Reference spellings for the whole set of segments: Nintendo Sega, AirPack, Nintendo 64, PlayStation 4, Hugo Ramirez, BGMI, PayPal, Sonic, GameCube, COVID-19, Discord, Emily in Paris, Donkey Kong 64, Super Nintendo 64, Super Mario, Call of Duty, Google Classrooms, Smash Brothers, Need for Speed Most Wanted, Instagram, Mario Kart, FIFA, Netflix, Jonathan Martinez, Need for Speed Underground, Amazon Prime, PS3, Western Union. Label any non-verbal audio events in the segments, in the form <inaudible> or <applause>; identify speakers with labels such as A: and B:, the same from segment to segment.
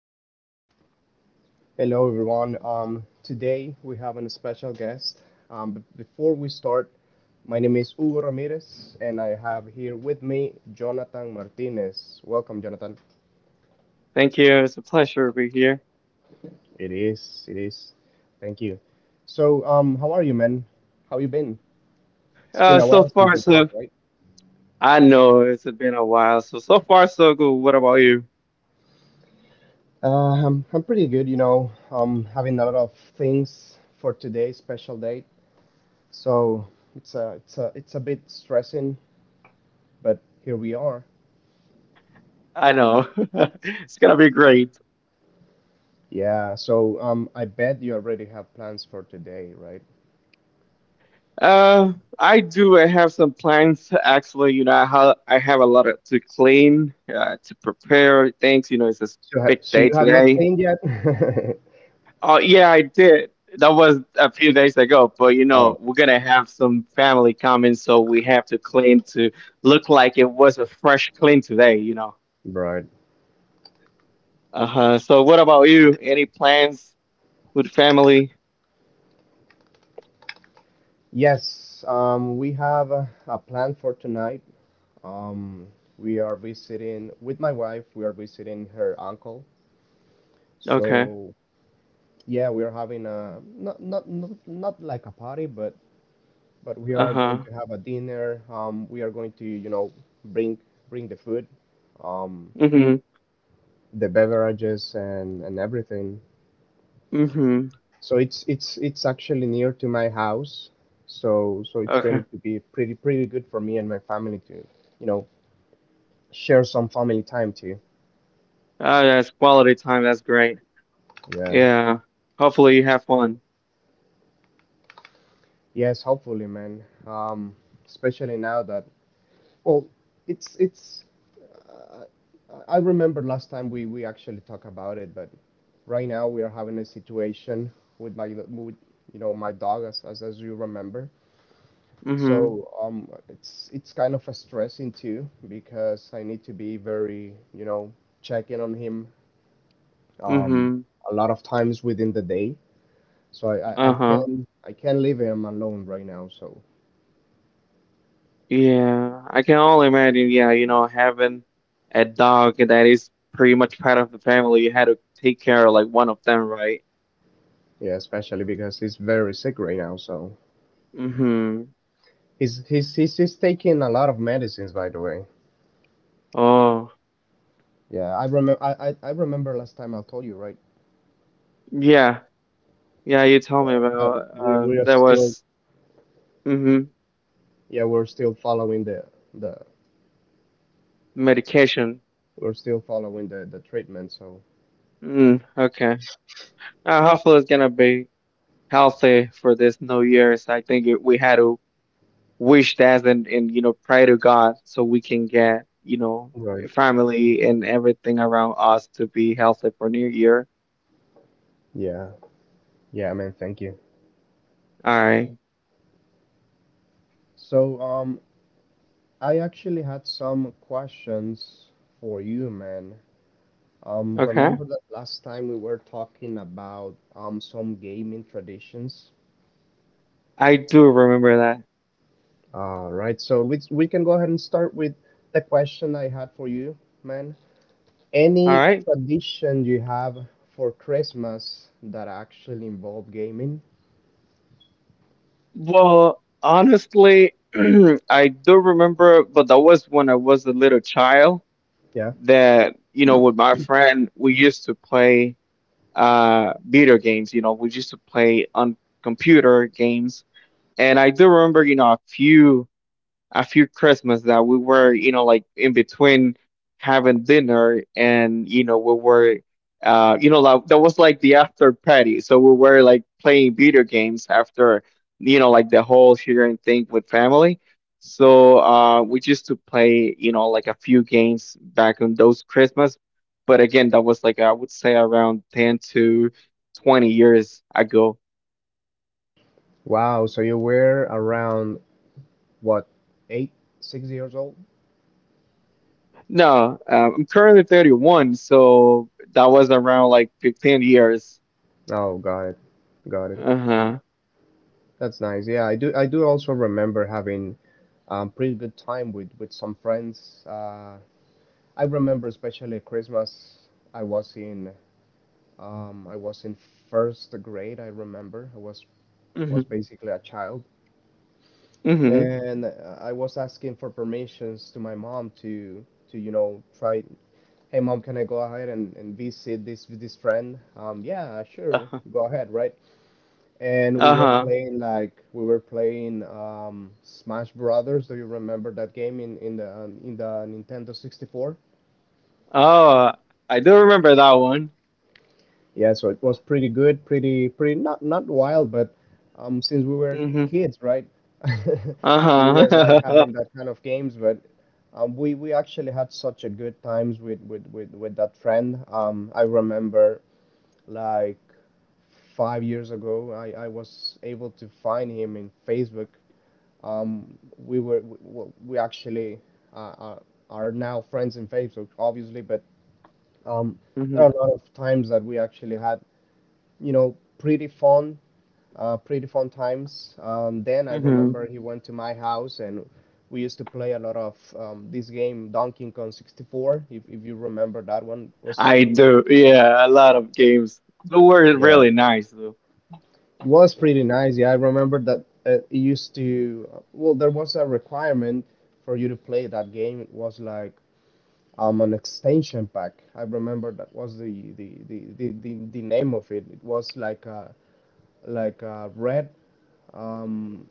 A: Hello.
B: Hello, everyone. Today we have a special guest. But before we start, my name is Hugo Ramirez, and I have here with me Jonathan Martinez. Welcome, Jonathan.
A: Thank you. It's a pleasure to be here.
B: It is. Thank you. So, how are you, man? How you been? It's been a
A: So
B: while since
A: far,
B: we
A: so
B: talked, right?
A: I know it's been a while. So far, so good. What about you?
B: I'm pretty good. I'm having a lot of things for today's special date, so it's a it's a bit stressing, but here we are.
A: I know <laughs> it's gonna be great.
B: Yeah, so I bet you already have plans for today, right?
A: Uh, I do. I have some plans. Actually, I have a lot of, to clean, to prepare things. You know, it's a
B: So, ha
A: big
B: so
A: day
B: you have not
A: today.
B: cleaned yet? <laughs>
A: Oh yeah, I did. That was a few days ago. But
B: Oh,
A: we're gonna have some family coming, so we have to clean to look like it was a fresh clean today.
B: right.
A: Uh-huh. So what about you? Any plans with family?
B: Yes, we have a plan for tonight. Um, we are visiting with my wife. We are visiting her uncle.
A: Okay.
B: So yeah, we are having a not like a party, but we are going
A: Uh-huh.
B: to have a dinner. We are going to, bring the food, um,
A: Mm-hmm.
B: the beverages and everything.
A: Mm-hmm.
B: So it's actually near to my house. So it's going
A: Okay.
B: to be pretty pretty good for me and my family to, you know, share some family time too.
A: Ah, that's quality time. That's great.
B: Yeah.
A: Yeah. Hopefully you have fun.
B: Yes, hopefully, man. Especially now that well, it's Uh, I remember last time we actually talked about it, but right now we are having a situation with you know my dog as you remember.
A: Mm-hmm.
B: So it's kind of a stressing too because I need to be very, you know, checking on him um,
A: Mm-hmm.
B: a lot of times within the day. So I
A: Uh-huh.
B: can I can leave him alone right now. So
A: Yeah. I can only imagine, yeah, having a dog that is pretty much part of the family, you had to take care of like one of them, right?
B: yeah, especially because he's very sick right now. So
A: Mm-hmm.
B: he's taking a lot of medicines by the way.
A: Oh.
B: Yeah, I remember I remember last time I told you right,
A: Yeah. Yeah, you told me
B: but
A: about
B: we we are
A: there
B: still
A: was, mm-hmm,
B: yeah we're still following the
A: medication.
B: we're still following the treatment. So
A: Mm, okay. Hopefully it's gonna be healthy for this New Year's. I think we had to wish that and pray to God so we can get
B: right
A: family and everything around us to be healthy for New Year.
B: yeah Yeah, man, thank you.
A: All right.
B: So, I actually had some questions for you, man.
A: Okay.
B: Remember that last time we were talking about some gaming traditions?
A: I do remember that.
B: All right, so we can go ahead and start with the question I had for you, man.
A: All
B: Any
A: right.
B: tradition you have for Christmas that actually involve gaming?
A: Well, honestly, <clears throat> I do remember, but that was when I was a little child
B: Yeah.
A: that with my friend we used to play video games. We used to play on computer games, and I do remember, a few Christmas that we were, like in between having dinner and, we were, you know, like, that was like the after party. So we were like playing video games after, like the whole sharing thing with family. So we used to play, like a few games back on those Christmas. But again, that was like, I would say around 10 to 20 years ago.
B: Wow, so you were around what, eight, 6 years old?
A: No, I'm currently 31, so that was around like 15 years.
B: Oh, got it, got it.
A: Uh-huh.
B: That's nice. Yeah, I do. I do also remember having pretty good time with some friends. I remember especially Christmas. I was in I was in first grade. I remember I was
A: Hmm.
B: basically a child,
A: Hmm.
B: and I was asking for permissions to my mom to you know try. Hey mom, can I go ahead and visit this friend? Yeah, sure,
A: Uh-huh.
B: go ahead, right? and we were
A: Uh-huh.
B: playing like we were playing Smash Brothers. Do you remember that game in the in the Nintendo 64?
A: Oh, I do remember that one.
B: Yeah, so it was pretty good, pretty pretty not not wild, but since we were
A: Hmm.
B: kids, right? <laughs> We were like
A: Uh-huh.
B: having that kind of games, but we actually had such a good times with that friend. I remember like 5 years ago, I was able to find him in Facebook Um, we were we actually uh, are, are now friends in Facebook, obviously, but um,
A: <laughs>
B: there
A: Hmm.
B: are a lot of times that we actually had, you know, pretty fun times. Then I
A: Hmm.
B: remember he went to my house and we used to play a lot of this game, Donkey Kong 64, if you remember that one was.
A: I do. Yeah, a lot of games. They were
B: Yeah.
A: really nice though.
B: It was pretty nice. Yeah, I remember that it used to. Well, there was a requirement for you to play that game. It was like an extension pack. I remember that was the name of it. It was like a red um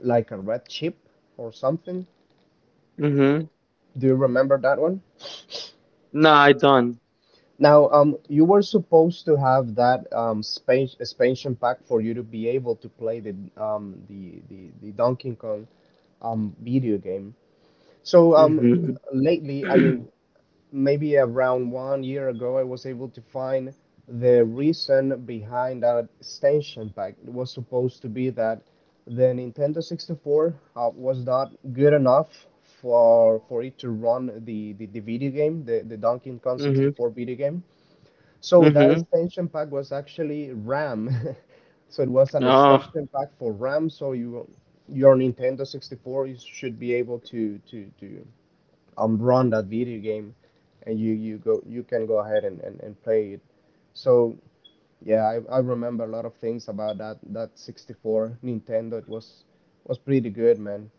B: like a red chip or something.
A: Hmm.
B: Do you remember that one?
A: No, I don't.
B: Now, you were supposed to have that space expansion pack for you to be able to play the the Donkey Kong video game. So
A: Hmm.
B: lately, I
A: Hmm.
B: mean maybe around 1 year ago, I was able to find the reason behind that extension pack. It was supposed to be that the Nintendo 64 was not good enough for it to run the video game, the Donkey Kong 64 video game. So that
A: Hmm.
B: extension pack was actually RAM. <laughs> so it was
A: <clears throat>
B: an
A: Oh.
B: extension pack for RAM. So you your Nintendo 64 should be able to run that video game and you go you can go ahead and play it so yeah I remember a lot of things about that 64 nintendo it was pretty good man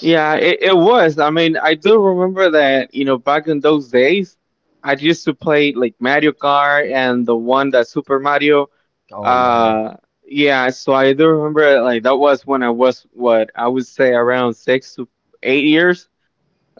A: Yeah, it was. I mean, I do remember that, back in those days, I used to play like Mario Kart and the one that Super Mario.
B: oh yeah
A: Uh, yeah, so I do remember like that was when I was what I would say around 6 to 8 years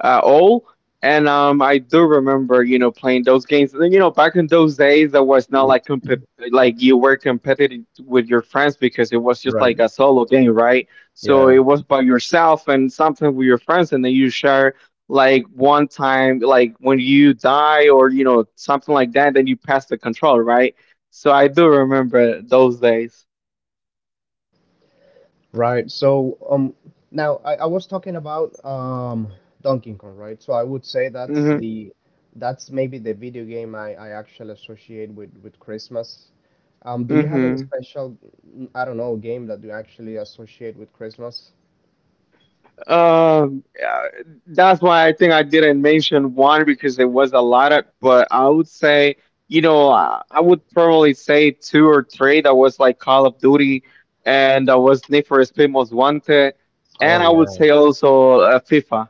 A: old. And I do remember, playing those games. And back in those days, there was not like like you were competitive with your friends because it was just
B: right
A: like a solo game, right? So
B: yeah
A: it was by yourself and sometimes with your friends, and then you share like one time, like when you die or something like that, then you pass the control, right? So I do remember those days.
B: Right. So now I was talking about Donkey Kong, right? So I would say that's
A: Mm-hmm.
B: the that's maybe the video game I actually associate with Christmas. Do you have any
A: Mm-hmm.
B: special, I don't know, game that you actually associate with Christmas?
A: Yeah, that's why I think I didn't mention one because there was a lot of, but I would say, I would probably say two or three that was like Call of Duty and that was Need for Speed Most Wanted,
B: Oh
A: and I would
B: yeah,
A: say also FIFA.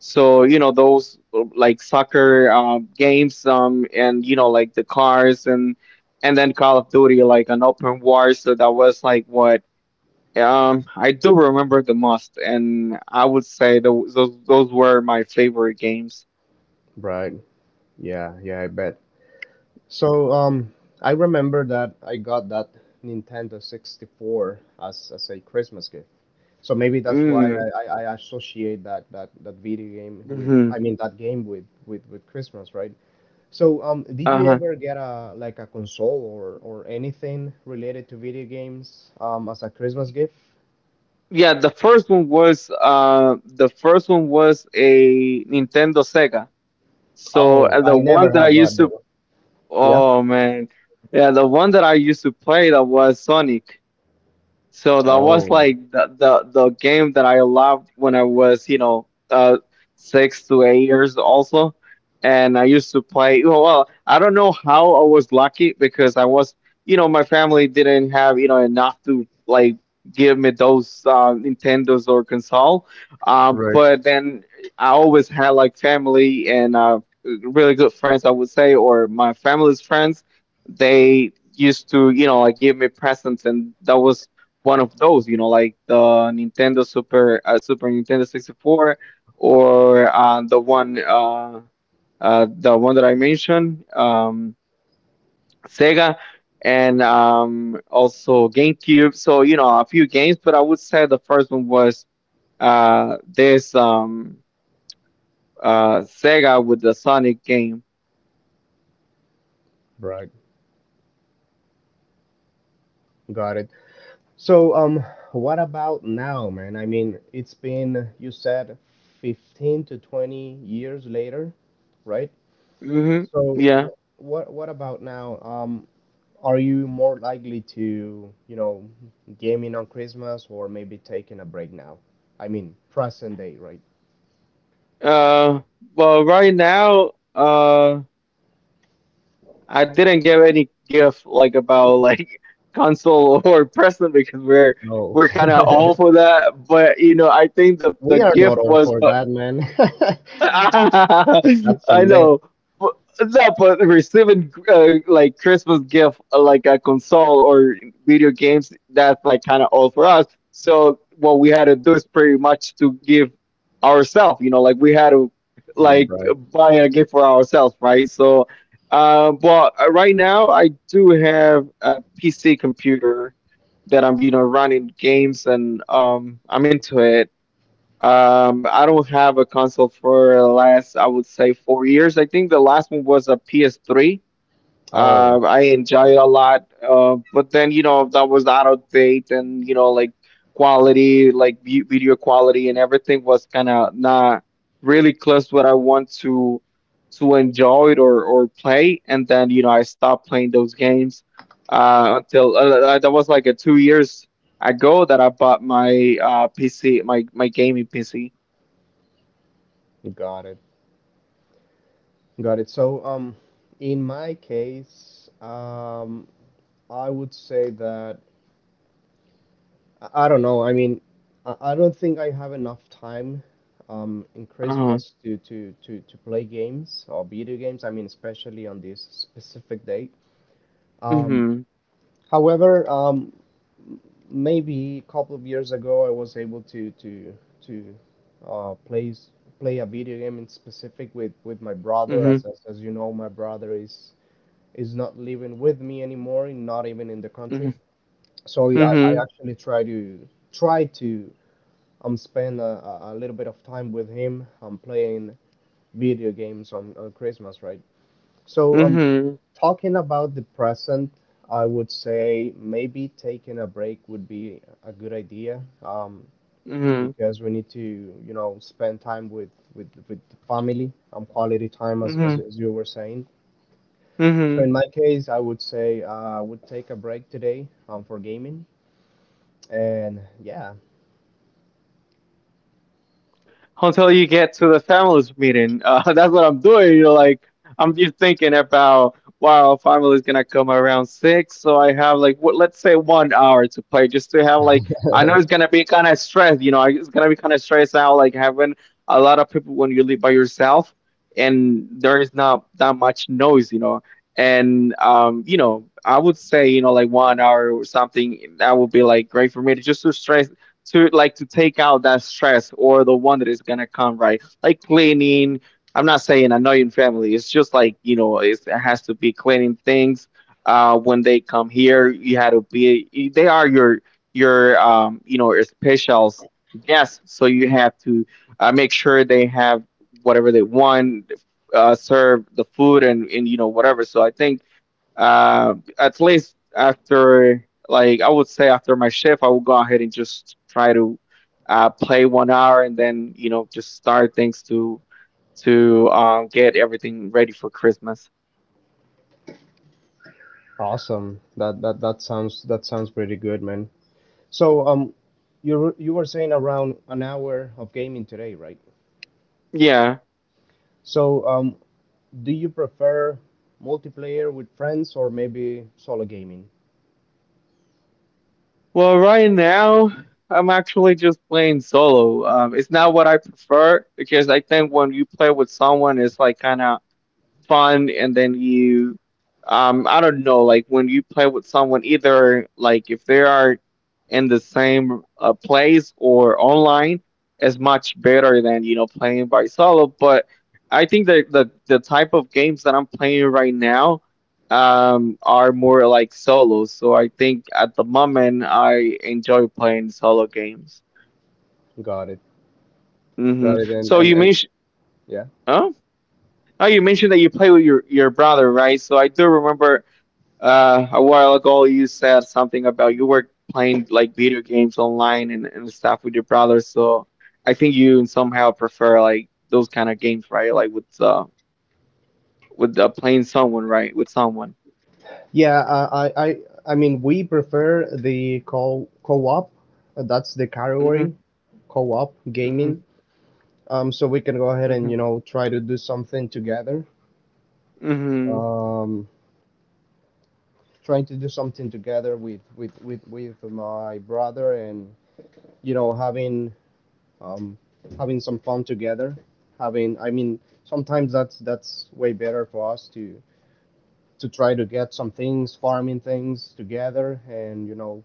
A: So, those like soccer games, and like the cars and then Call of Duty, like an open war. So that was like what I do remember the most, and I would say those were my favorite games.
B: right. Yeah, yeah, I bet. So I remember that I got that Nintendo 64 as a Christmas gift. So maybe that's why
A: Mm.
B: I associate that video game with
A: Hmm.
B: I mean that game with Christmas, right? So did you
A: Uh-huh.
B: ever get a like a console or anything related to video games as a Christmas gift?
A: Yeah, the first one was a Nintendo Sega. So
B: Oh,
A: the
B: I
A: one
B: never
A: that I
B: had one
A: used to
B: though. Yeah.
A: oh man, yeah, the one that I used to play that was Sonic. So that was
B: Oh,
A: like the game that I loved when I was, 6 to 8 years also, and I used to play. Well, I don't know how I was lucky because I was, my family didn't have, enough to like give me those Nintendos or console. Uh,
B: right,
A: but then I always had like family and really good friends, I would say, or my family's friends. They used to, like give me presents, and that was one of those, like the Nintendo Super Nintendo 64 or the one that I mentioned, Sega, and also GameCube. So a few games, but I would say the first one was this Sega with the Sonic game.
B: right. Got it. So what about now, man? I mean, it's been you said 15 to 20 years later, right?
A: Hmm.
B: So
A: Yeah.
B: what about now? Are you more likely to, you know, gaming on Christmas or maybe taking a break now? I mean, present day, right?
A: Uh, well, right now, I didn't give any gift like about like <laughs> console or present because we're
B: No.
A: we're kind of all
B: <laughs>
A: for that. But I think the
B: We
A: the
B: are
A: gift
B: not all
A: was,
B: for
A: but
B: that, man.
A: <laughs>
B: <laughs> That's a
A: I
B: myth,
A: know. But, no, but receiving like Christmas gift like a console or video games, that's like kind of all for us. So what we had to do is pretty much to give ourselves, like we had to like
B: Right?
A: buy a gift for ourselves, right? So, but right now I do have a PC computer that I'm, running games and I'm into it. I don't have a console for the last, I would say, 4 years. I think the last one was a PS3.
B: Oh,
A: I
B: yeah.
A: enjoy it a lot. But then that was out of date, and like quality, like video quality, and everything was kind of not really close to what I want to enjoy it or play. And then I stopped playing those games until that was like a 2 years ago that I bought my PC, my gaming PC.
B: Got it. Got it. So, in my case, I would say that I don't know. I mean, I don't think I have enough time in
A: Uh-huh.
B: Christmas to play games or video games. I mean, especially on this specific date. Um,
A: Mhm.
B: however, maybe a couple of years ago, I was able to to play play a video game in specific with my brother. As
A: Mhm.
B: as you know, my brother is not living with me anymore, not even in the country.
A: Mhm.
B: So I
A: Mhm.
B: actually try to try to I'm spending a little bit of time with him. I'm playing video games on Christmas, right? So,
A: Mhm.
B: talking about the present, I would say maybe taking a break would be a good idea.
A: Mhm.
B: Because we need to, you know, spend time with the family, quality time, as
A: Mhm.
B: as you were saying. So
A: Mhm.
B: in my case, I would say I would take a break today for gaming, and yeah,
A: Until you get to the families meeting. <laughs> That's what I'm doing. You're like, I'm just thinking about, wow, family is gonna come around 6, so I have like, what, let's say 1 hour to play, just to have like, I know it's gonna be kind of stressed. It's gonna be kind of stressed out, like having a lot of people when you live by yourself, and there is not that much noise. And I would say, like 1 hour or something, that would be like great for me to just to stress to like to take out that stress or the one that is gonna come, right, like cleaning. I'm not saying annoying family, it's just like, it has to be cleaning things when they come here. You had to be, they are your your specials guests, so you have to make sure they have whatever they want, serve the food, and whatever. So I think, at least after, like, I would say after my shift, I will go ahead and just try to play 1 hour and then, just start things to get everything ready for Christmas.
B: awesome. That sounds that sounds pretty good, man. So, you were saying around an hour of gaming today, right?
A: Yeah.
B: So, do you prefer multiplayer with friends or maybe solo gaming?
A: Well, right now, I'm actually just playing solo. It's not what I prefer because I think when you play with someone, it's like kind of fun and then you I don't know like when you play with someone either like if they are in the same place or online is much better than playing by solo, but I think that the type of games that I'm playing right now are more like solos. So I think at the moment I enjoy playing solo games.
B: Got it. Got it. And
A: So you mentioned
B: yeah.
A: oh Oh, you mentioned that you play with your brother, right? So I do remember. A while ago, you said something about you were playing like video games online and stuff with your brother. So I think you somehow prefer like those kind of games, right? Like with playing someone, right? With someone.
B: Yeah, I mean we prefer the co co-op. That's the
A: Mhm.
B: category, co-op
A: Mhm.
B: gaming. So we can go ahead and
A: Mhm.
B: you know try to do something together.
A: Mhm.
B: Um, trying to do something together with my brother and you know having um, having some fun together having I mean sometimes that's way better for us to try to get some things farming things together and you know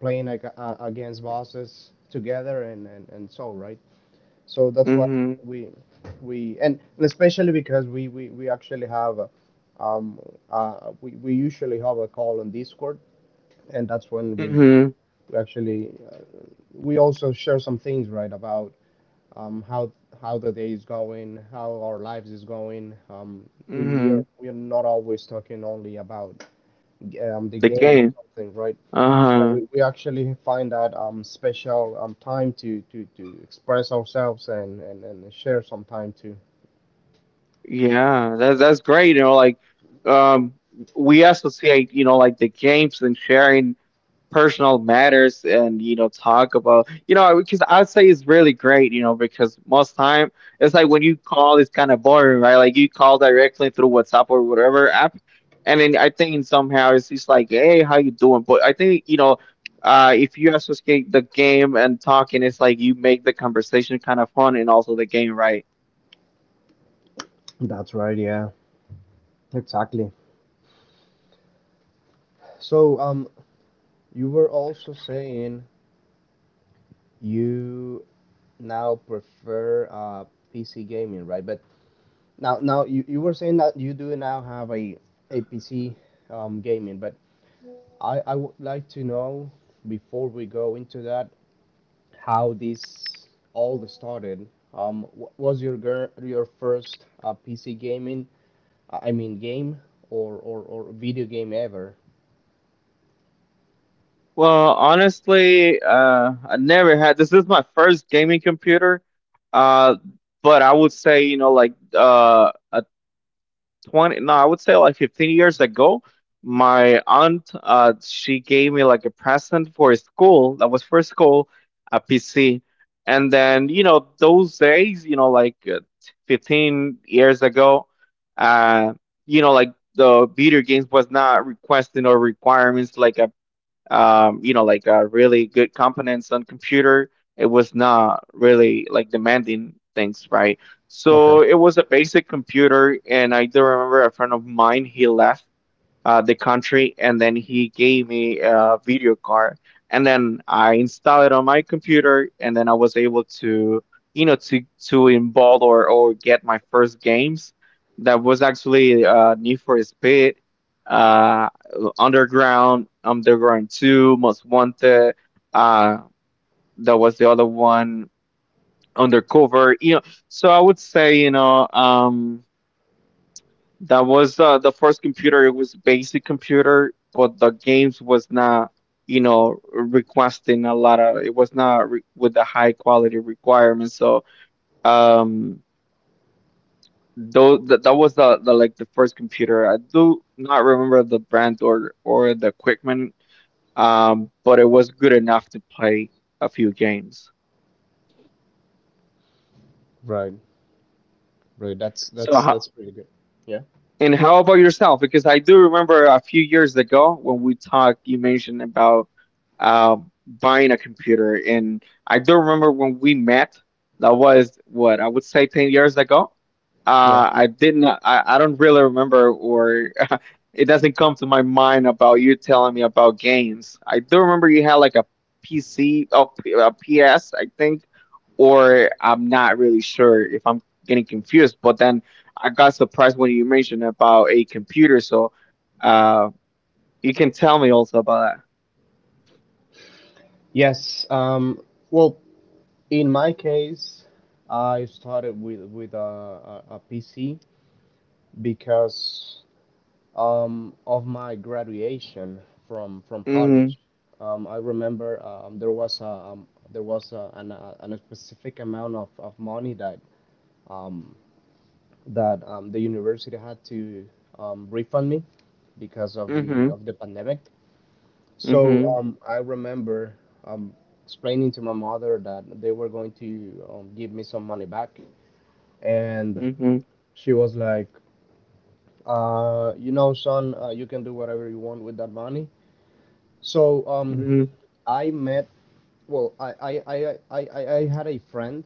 B: playing like, against bosses together and so right so that's why
A: Mhm.
B: we and especially because we we actually have a, um we usually have a call on discord and that's when we
A: Mhm.
B: actually we also share some things right about how the day is going, how our lives is going. We, are
A: Mhm.
B: not always talking only about the
A: The
B: game or
A: game.
B: something, right? Yeah,
A: Uh-huh.
B: we actually find that special time to, to express ourselves and share some time too.
A: Yeah. That's great. Like um we associate, like the games and sharing personal matters and talk about because I'd say it's really great, because most time it's like when you call, it's kind of boring, right? Like you call directly through WhatsApp or whatever app, and then I think somehow it's just like, "Hey, how you doing?" But I think, if you associate the game and talking, it's like you make the conversation kind of fun, and also the game, right?
B: That's right, yeah, exactly. So you were also saying you now prefer PC gaming, right? But Now, you, were saying that you do now have a PC gaming, but I would like to know before we go into that how this all started. What was your your first PC gaming? I mean, game or video game ever?
A: Well, honestly, I never had— this is my first gaming computer. Uh, but I would say, like a 20, no, I would say like 15 years ago, my aunt she gave me like a present for school. That was for school, a PC. And then, those days, 15 years ago, uh, you know, like the video games was not requesting or requirements like a really good components on computer. It was not really like demanding things, right? So
B: Okay,
A: it was a basic computer, and I do remember a friend of mine. He left the country, and then he gave me a video card, and then I installed it on my computer, and then I was able to, you know, to to involve or get my first games. That was actually Need for Speed, uh, Underground, Underground Two, Most Wanted. Uh, that was the other one, Undercover. So I would say, that was the first computer. It was a basic computer, but the games was not, requesting a lot of. It was not with the high quality requirements. So, um, though that was the first computer. I do not remember the brand or the equipment, but it was good enough to play a few games.
B: right, right. That's
A: So,
B: that's
A: how,
B: that's pretty good. Yeah,
A: And how about yourself? Because I do remember a few years ago when we talked, you mentioned about uh, buying a computer. And I do remember when we met, that was what I would say 10 years ago.
B: yeah.
A: I didn't, I don't really remember, or <laughs> it doesn't come to my mind about you telling me about games. I do remember you had like a PC, oh, a PS, I think, or I'm not really sure if I'm getting confused, but then. I got surprised when you mentioned about a computer. So, uh, you can tell me also about
B: Yes. Well, in my case, I started with a PC because of my graduation from
A: that. Mhm.
B: college. I remember there was a, an, a, an a specific amount of money that um, the university had to refund me because
A: Mhm.
B: of the pandemic.
A: Mhm.
B: So I remember um, explaining to my mother that they were going to give me some money back, and
A: Mhm.
B: she was like, son, you can do whatever you want with that money. So
A: Mhm.
B: I met. Well, I had a friend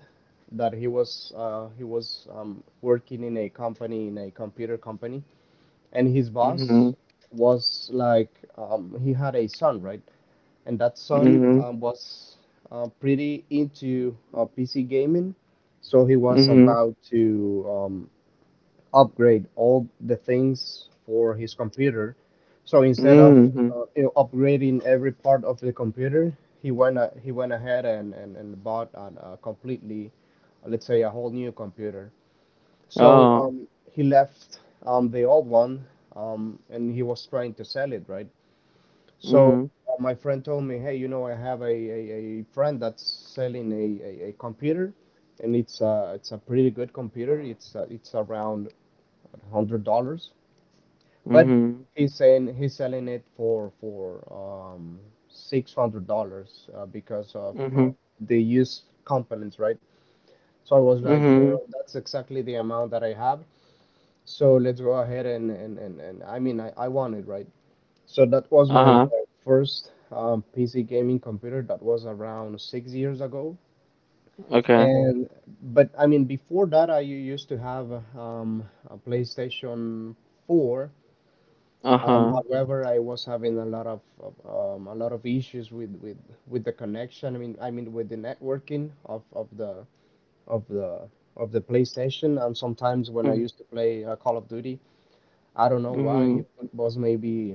B: that he was working in a company in a computer company, and his
A: Mhm.
B: boss was like he had a son, right? And that son
A: Mhm.
B: was pretty into PC gaming, so he was
A: Mhm.
B: about to upgrade all the things for his computer. So instead of
A: Mhm.
B: upgrading every part of the computer, he went a he went ahead and bought a completely, let's say, a whole new computer. So
A: Oh.
B: he left the old one, and he was trying to sell it, right? So
A: Mhm.
B: my friend told me, hey, you know, I have a friend that's selling a computer, and it's a pretty good computer. It's around $100. But
A: Mhm.
B: he's saying he's selling it for $600 because of
A: Mhm.
B: the used components, right? So I was like, you
A: Mhm.
B: know, that's exactly the amount that I have. So let's go ahead and I want it, right? So that was
A: Uh
B: my,
A: huh.
B: my first PC gaming computer. That was around 6 years ago.
A: Okay.
B: And but I mean, before that, I used to have um, a PlayStation 4.
A: Uh huh.
B: However, I was having a lot of a lot of issues with the connection. I mean with the networking of the of the PlayStation. And sometimes when I
A: Mhm.
B: used to play Call of Duty, I don't know why
A: Mhm.
B: it was maybe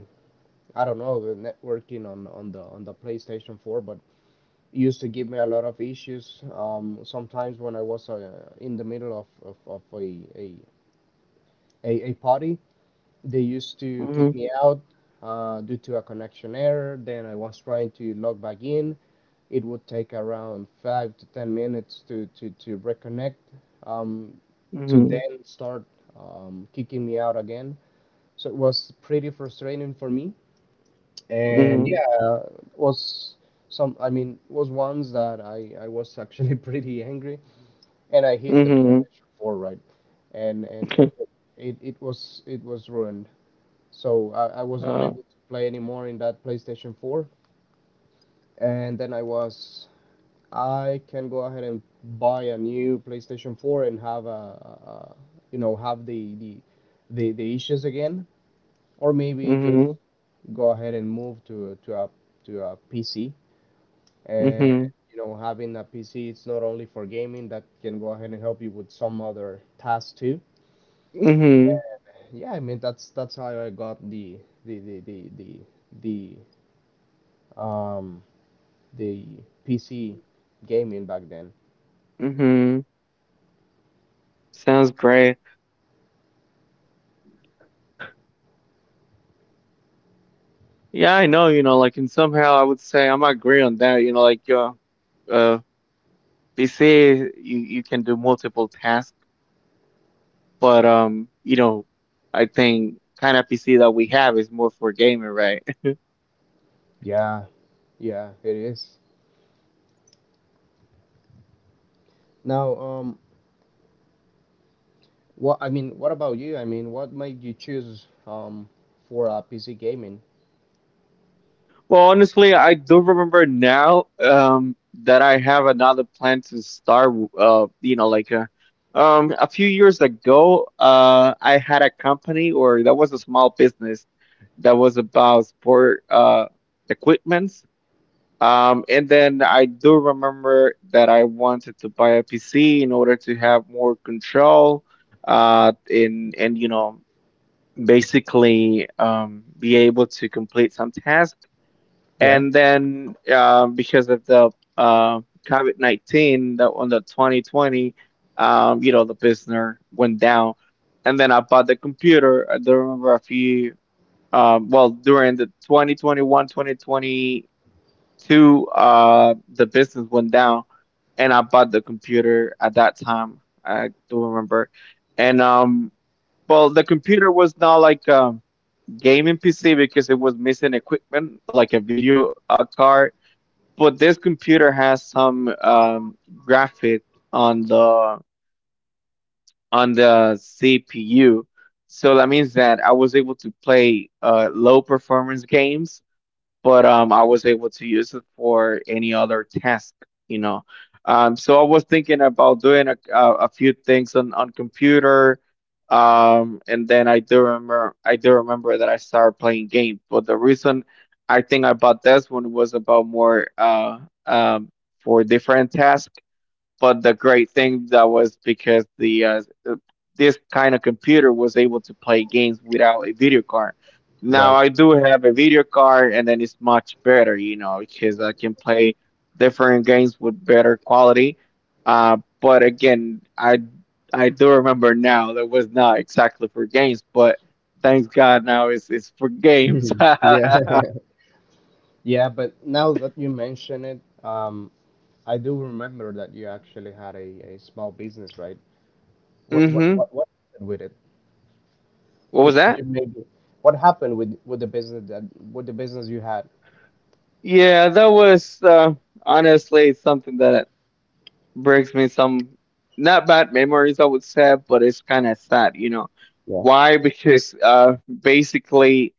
B: I don't know the networking on the PlayStation 4, but it used to give me a lot of issues. Sometimes when I was in the middle of a a party, they used to kick
A: Mhm.
B: me out due to a connection error. Then I was trying to log back in. It would take around 5 to 10 minutes to reconnect, um, to
A: Mhm.
B: then start kicking me out again. So it was pretty frustrating for me. And
A: Mhm.
B: yeah, it was some, I mean, it was once that I was actually <laughs> pretty angry and I hit the
A: Mhm.
B: PlayStation 4, right? And
A: <laughs>
B: it was ruined so I was not
A: Uh.
B: able to play anymore in that PlayStation 4. And then I was, I can go ahead and buy a new PlayStation 4 and have a have the issues again, or maybe just
A: Mhm.
B: go ahead and move to a PC. And
A: Mhm.
B: you know, having a PC, it's not only for gaming. That can go ahead and help you with some other tasks too.
A: Mhm.
B: Yeah, I mean that's how I got the the the the, the um the PC gaming back then.
A: Mhm. Sounds great. Yeah, I know, and somehow I would say I am agree on that, uh they say you can do multiple tasks, but I think kind of PC that we have is more for gaming, right? <laughs>
B: Yeah, yeah, it is. Now, what I mean, what about you? I mean, what made you choose for PC gaming?
A: Well, honestly, I do remember now that I have another plan to start uh you know, like uh a few years ago. I had a company, or that was a small business that was about sport equipment. And then I do remember that I wanted to buy a PC in order to have more control, in and basically, be able to complete some tasks.
B: Yeah,
A: And then because of the uh, COVID-19 that on the 2020, the business went down. And then I bought the computer. I do remember a few. During the 2021, to the business went down, and I bought the computer at that time. I do remember, and the computer was not like a gaming PC because it was missing equipment, like a video card. But this computer has some graphic on the CPU, so that means that I was able to play low performance games, but I was able to use it for any other task, you know. So I was thinking about doing a few things on computer, and then I do remember that I started playing games. But the reason I think I bought this one was about more, um, for different tasks, but the great thing that was because the uh, this kind of computer was able to play games without a video card. Now
B: right.
A: I do have a video card, and then it's much better, because I can play different games with better quality. But again, I do remember now that was not exactly for games, but thanks God now it's for games. <laughs>
B: <laughs> Yeah. Yeah, but now that you mention it, I do remember that you actually had a small business, right? What what
A: Mm-hmm.
B: what what happened with it?
A: What was
B: Could
A: that?
B: you maybe what happened with the business that with the business you had?
A: Yeah, that was honestly something that brings me some not bad memories, I would say, but it's kind of sad. You know
B: Yeah.
A: why? Because basically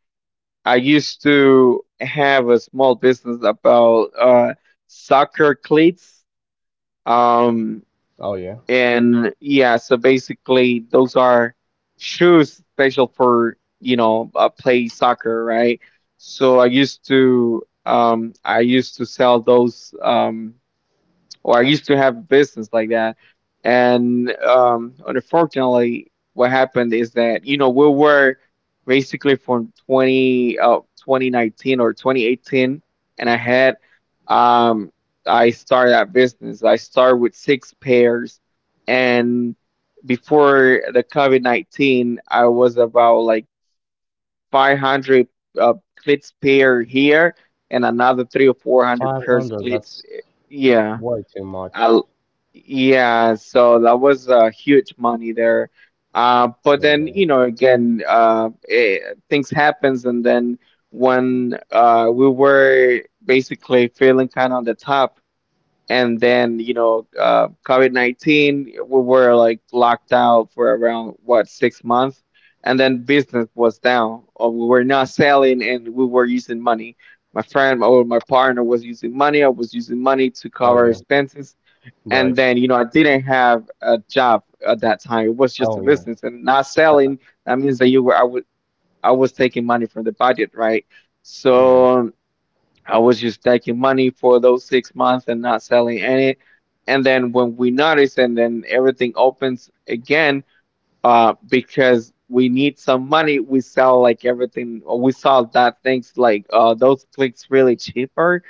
A: I used to have a small business about soccer cleats. Um
B: Oh yeah.
A: and Yeah, so basically those are shoes special for, play soccer, right? So I used to sell those, or I used to have business like that. And unfortunately, what happened is that, we were basically from 20, 2019 or 2018, and um, I started that business. I started with six pairs, and before the COVID 19, I was about like 500 cleats pair here and another three or 400 pairs
B: 500,
A: cleats.
B: that's
A: Yeah.
B: way too much.
A: I, yeah, so that was huge money there. But
B: Yeah,
A: then,
B: yeah.
A: again, things happens, and then when we were basically feeling kind of on the top, and then COVID 19, we were like locked out for around what 6 months, and then business was down, or we were not selling, and we were using money. My friend or my partner was using money. I was using money to
B: Oh
A: cover
B: yeah,
A: expenses.
B: right.
A: And then, I didn't have a job at that time. It was just a
B: Oh yeah.
A: business, and not
B: Uh, uh,
A: selling, that means that you were I would I was taking money from the budget, right?
B: yeah.
A: So I was just taking money for those 6 months and not selling any. And then when we notice, and then everything opens again, because we need some money. We sell like everything, or we sell that things like those clicks really cheaper.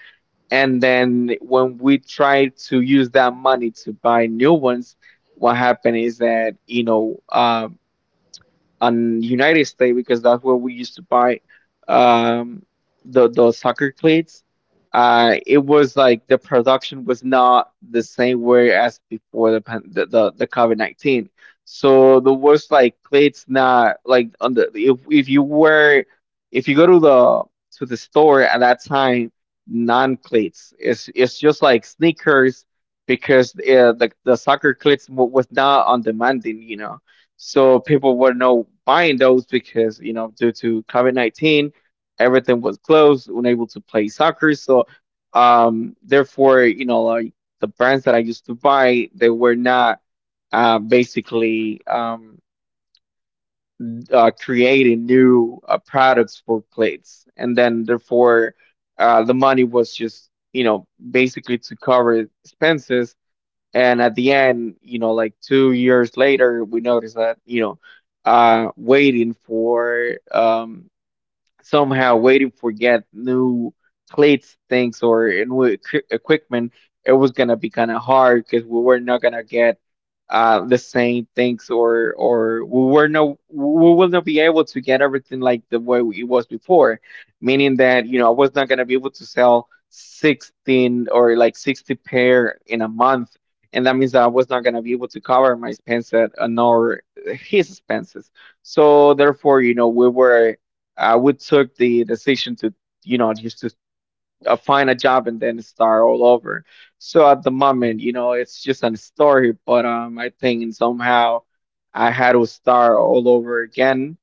A: And then when we try to use that money to buy new ones, what happened is that, and United States because that's where we used to buy, um, the soccer cleats. It was like the production was not the same way as before the the COVID 19. So there was like cleats not like on the, if you were, if you go to the store at that time, non cleats, it's just like sneakers because the soccer cleats was not on demanding, so people were no buying those because, due to COVID-19, everything was closed, unable to play soccer. So therefore, the brands that I used to buy, they were not basically, creating new products for plates. And then, therefore, the money was just, basically to cover expenses. And at the end, 2 years later, we noticed that, waiting for, somehow waiting for get new plates things or new equipment, it was gonna be kind of hard because we were not gonna get the same things, or we were no, we will not be able to get everything like the way it was before, meaning that I was not gonna be able to sell 16 or like 60 pair in a month. And that means that I was not gonna be able to cover my expenses, nor his expenses. So therefore, we were, I would took the decision to, just to find a job and then start all over. So at the moment, it's just a story, but I think somehow I had to start all over again.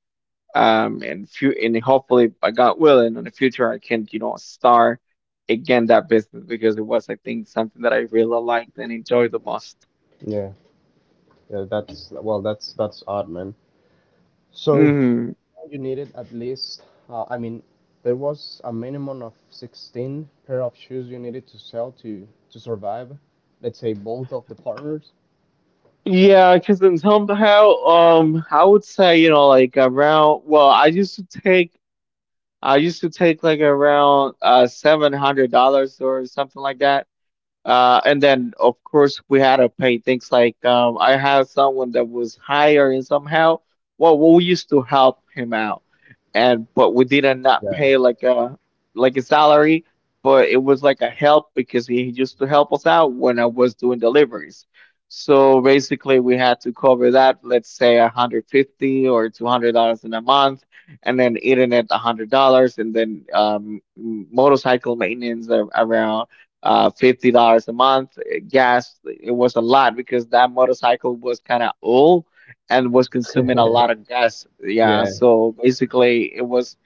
A: And hopefully, by God willing, in the future I can, start again that business because it was, I think, something that I really liked and enjoyed the most.
B: Yeah. Yeah, that's well, that's odd, man. So
A: Mm-hmm.
B: you needed at least I mean, there was a minimum of 16 pair of shoes you needed to sell to survive, let's say both of the partners.
A: Yeah, because then somehow, I would say, I used to take like around $700 or something like that. And then of course we had to pay things like, I had someone that was hiring somehow. Well, we used to help him out, and but we didn't not
B: Yeah.
A: pay like a salary, but it was like a help because he used to help us out when I was doing deliveries. So basically, we had to cover that, let's say $150 or $200 in a month, and then internet $100, and then, motorcycle maintenance around $50 a month. Gas it was a lot because that motorcycle was kind of old and was consuming a lot
B: <laughs>
A: of gas. Yeah,
B: Yeah,
A: so basically it was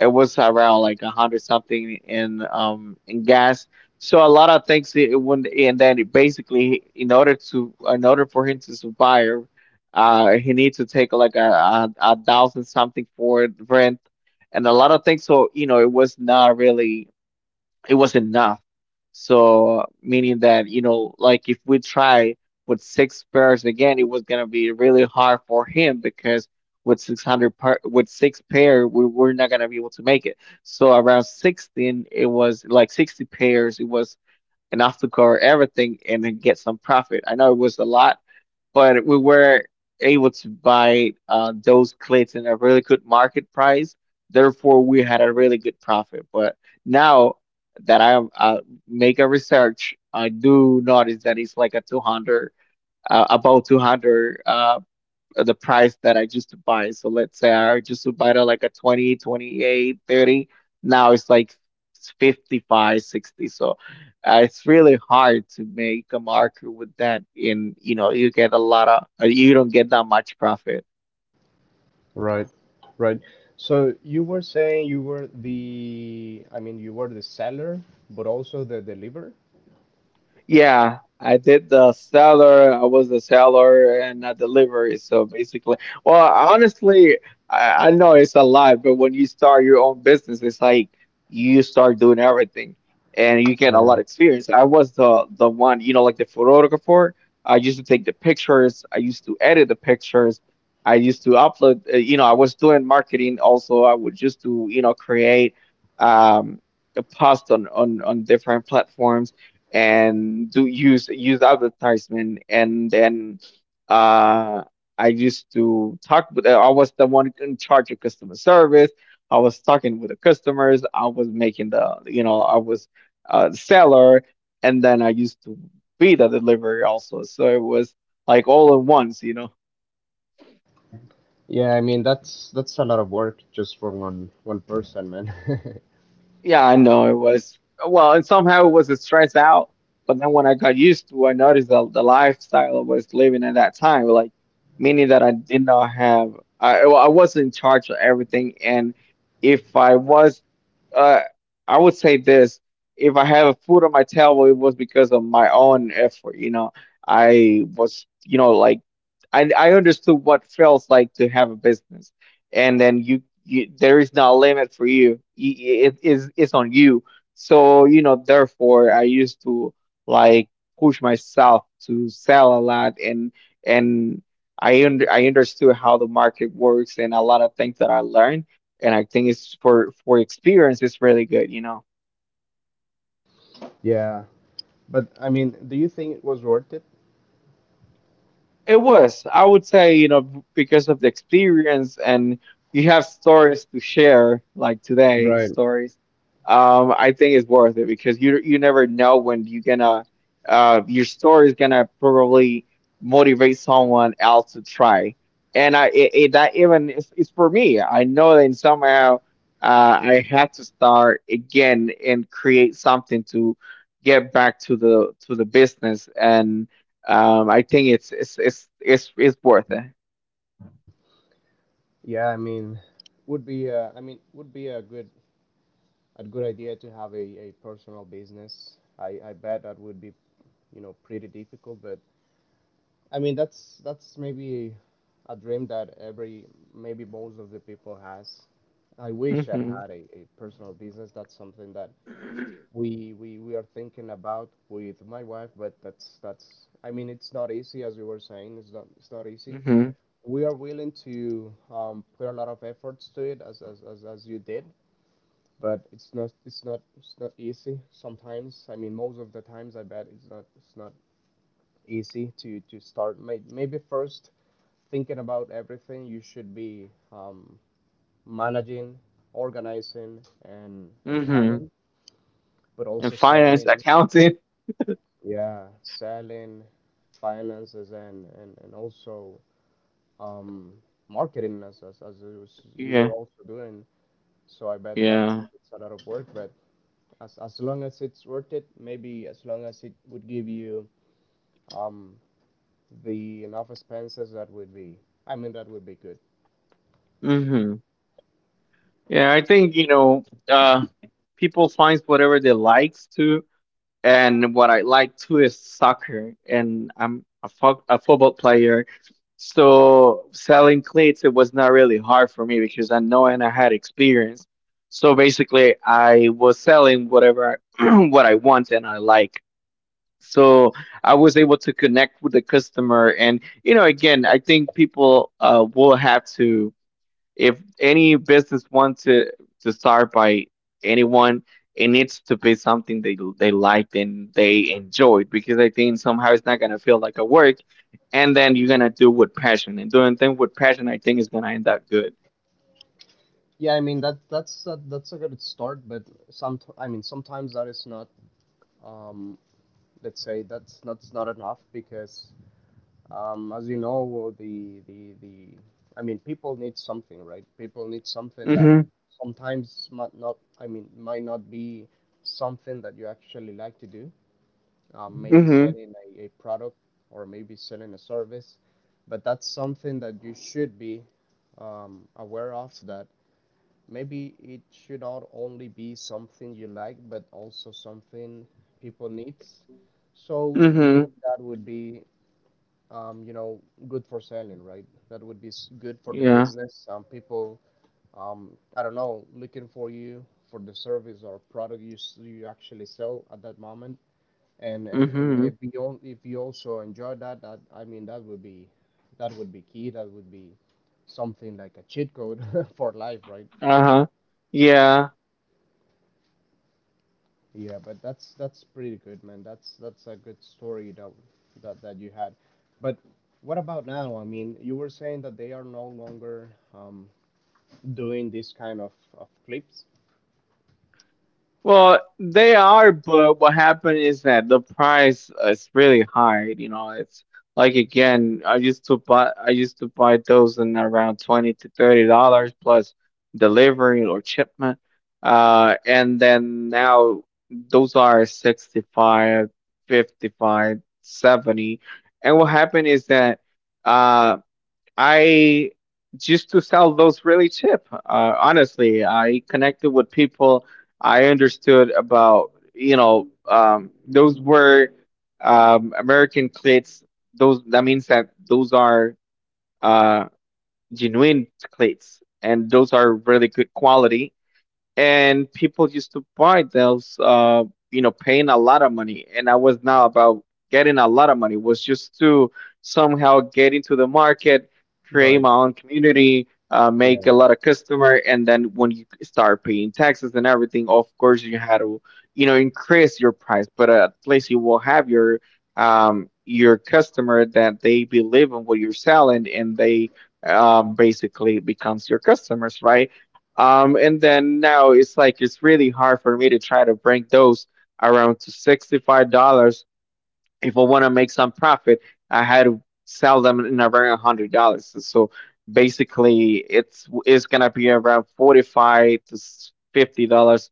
A: it was around like 100 something in gas. So a lot of things, it wouldn't, and then it basically in order for him to survive, he needs to take like a thousand something for rent and a lot of things. So, you know, it was not really it was enough. So meaning that, like if we try with six pairs again, it was gonna be really hard for him because with six hundred par with six pair, we were not gonna be able to make it. So around sixteen, it was like 60 pairs. It was enough to cover everything and then get some profit. I know it was a lot, but we were able to buy those cleats in a really good market price. Therefore, we had a really good profit. But now that I, make a research, I do notice that it's like about 200, the price that I used to buy. So let's say I used to buy it at like a 20, 28, 30. Now it's like 55, 60. So, it's really hard to make a market with that. In, you get a lot of, you don't get that much profit.
B: right. Right. So you were saying you were the I mean, you were the seller, but also the deliverer?
A: Yeah, I did the seller. I was the seller and a delivery. So basically, well, honestly, I know it's a lot, but when you start your own business, it's like you start doing everything and you get a lot
B: Yeah.
A: of experience. I was the one, you know, like the photographer. I used to take the pictures. I used to edit the pictures. I used to upload, I was doing marketing also. I would just create um a post on different platforms and do use advertisement, and then, uh I used to talk with I was the one in charge of customer service. I was talking with the customers. I was making the you know I was a seller, and then I used to be the delivery also. So it was like all at once.
B: Yeah, I mean that's a lot of work just for one person, man. <laughs>
A: Yeah, I know it was. Well, and somehow it was a stress out. But then when I got used to, I noticed that the lifestyle I was living at that time, like meaning that I did not have. I was in charge of everything. And if I was, uh, I would say this: if I have a food on my table, it was because of my own effort. You know, I was, like I understood what feels like to have a business, and then, you there is no limit for you. It's on you. So, you know, therefore, I used to like push myself to sell a lot, and I understood how the market works, and a lot of things that I learned, and I think it's for experience, it's really good.
B: Yeah. But I mean, do you think it was worth it?
A: It was. I would say, because of the experience, and you have stories to share, like today
B: Right.
A: stories. I think it's worth it because you never know when you're gonna your story is gonna probably motivate someone else to try. And I, it that even is, it's for me. I know that somehow, I had to start again and create something to get back to the business, and, I think it's worth it.
B: Yeah, I mean, would be I mean, would be a good idea to have a personal business. I bet that would be, you know, pretty difficult, but I mean, that's maybe a dream that every maybe most of the people has. I wish I'd
A: Mhm.
B: had a personal business. That's something that we are thinking about with my wife but that's I mean it's not easy as you were saying it's not easy
A: Mhm.
B: we are willing to put a lot of efforts to it as as you did but it's not it's not easy sometimes I mean most of the times I bet it's not easy to start. Maybe first thinking about everything you should be managing organizing and
A: Mhm.
B: planning but
A: And
B: also
A: finance,
B: selling.
A: accounting.
B: Yeah, selling, finances, and also um, marketing as as you you were
A: Yeah.
B: also doing. So I bet that's
A: Yeah.
B: it's a lot of work, but as long as it's worth it, maybe as long as it would give you um the enough expenses, that would be. I mean, that would be good.
A: Mhm. Yeah, I think, uh people finds whatever they likes to, and what I like too is soccer, and I'm a football player. So selling cleats, it was not really hard for me because I know and I had experience. So basically, I was selling whatever <clears throat> what I want and I like. So I was able to connect with the customer, and, you know, again, I think people, will have to if any business wants to start by anyone, it needs to be something they liked and they enjoyed, because I think somehow it's not going to feel like a work, and then you're going to do with passion, and doing things with passion, I think, is going to end up good.
B: Yeah, I mean that that's a good start, but some I mean sometimes that is not um let's say that's not it's not enough because as you know, the I mean, people need something, right? People need something that
A: Mhm.
B: sometimes might not. I mean, might not be something that you actually like to do. Maybe
A: Mhm.
B: selling a product or maybe selling a service, but that's something that you should be aware of. That maybe it should not only be something you like, but also something people needs. So
A: Mhm.
B: that would be you know, good for selling, right? That would be good for the
A: Yeah.
B: business. People, I don't know, looking for you for the service or product you you actually sell at that moment. And
A: Mhm.
B: if you if you also enjoy that, that I mean, that would be key. That would be something like a cheat code <laughs> for life, right?
A: Uh-huh. Yeah.
B: Yeah, but that's pretty good, man. That's a good story that that you had. But what about now? I mean, you were saying that they are no longer doing this kind of clips.
A: Well, they are, but what happened is that the price is really high. You know, it's like, again, I used to buy those in around $20 to $30 plus delivery or shipment. And then now those are 65, 55, 70. And what happened is that, uh, I used to sell those really cheap. Honestly, I connected with people. I understood about, those were, American cleats. Those, that means that those are, uh, genuine cleats, and those are really good quality, and people used to buy those, paying a lot of money, and I was not about getting a lot of money. It was just to somehow get into the market, create
B: Right.
A: my own community, make a
B: Yeah,
A: lot of customer, and then when you start paying taxes and everything, of course you had to, increase your price, but at least you will have your customer that they believe in what you're selling, and they, basically becomes your customers, right? And then now it's really hard for me to try to bring those around to $65. If I want to make some profit, I had to sell them in around $100. So basically, it's gonna be around $45 to $50,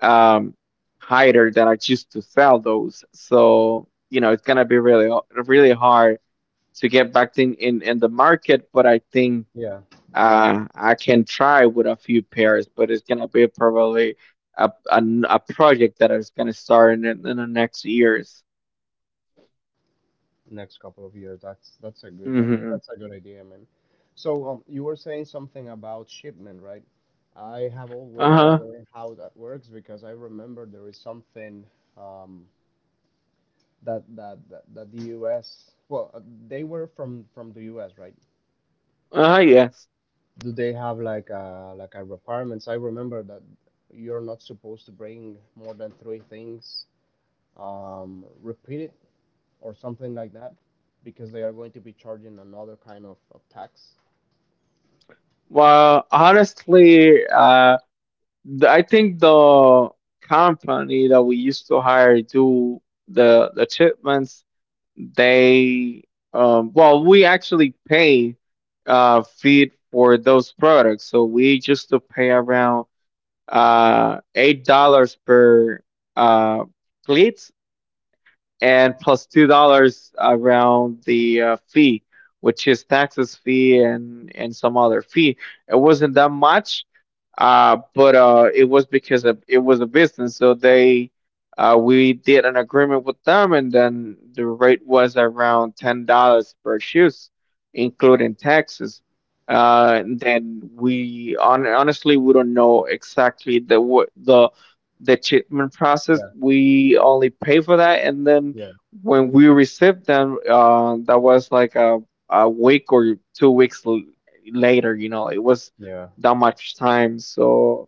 A: um, higher than I choose to sell those. So, you know, it's gonna be really, really hard to get back in the market. But I think,
B: yeah.
A: I can try with a few pairs, but it's gonna be probably a project that is gonna start in the next years.
B: Next couple of years, that's a good
A: Mm-hmm.
B: that's a good idea, man. So you were saying something about shipment, right? I have always
A: Uh-huh.
B: wondered how that works because I remember there is something um, that the U.S. Well, they were from the U.S., right?
A: Uh-huh, yes.
B: Do they have like a requirements? I remember that you're not supposed to bring more than three things repeated or something like that because they are going to be charging another kind of tax.
A: Well, honestly, I think the company that we used to hire to do the shipments, they, well, we actually pay feed for those products, so we used to pay around, $8 per, uh, cleat, and plus $2 around the, fee, which is taxes fee and some other fee. It wasn't that much, but, it was a business, so, they we did an agreement with them, and then the rate was around $10 per shoes, including taxes. And then honestly, we don't know exactly the, what the shipment process.
B: Yeah,
A: We only pay for that, and then
B: yeah,
A: when we received them, that was like a week or 2 weeks later. You know, it was
B: yeah.
A: that much time. So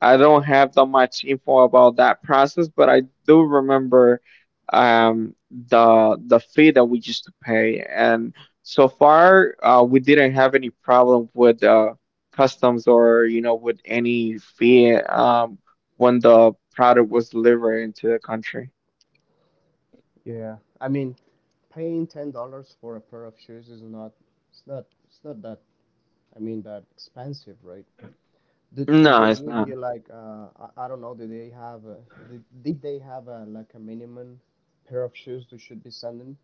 A: I don't have that much info about that process, but I do remember, the fee that we used to pay, and so far, we didn't have any problem with, customs, or, with any fee, when the product was delivered into the country.
B: Yeah, I mean, paying $10 for a pair of shoes is not, it's not, it's not that, I mean, that expensive, right? Did
A: No,
B: they
A: it's
B: give
A: not.
B: you like, I don't know, did they have did they have a, like a minimum pair of shoes you should be sending?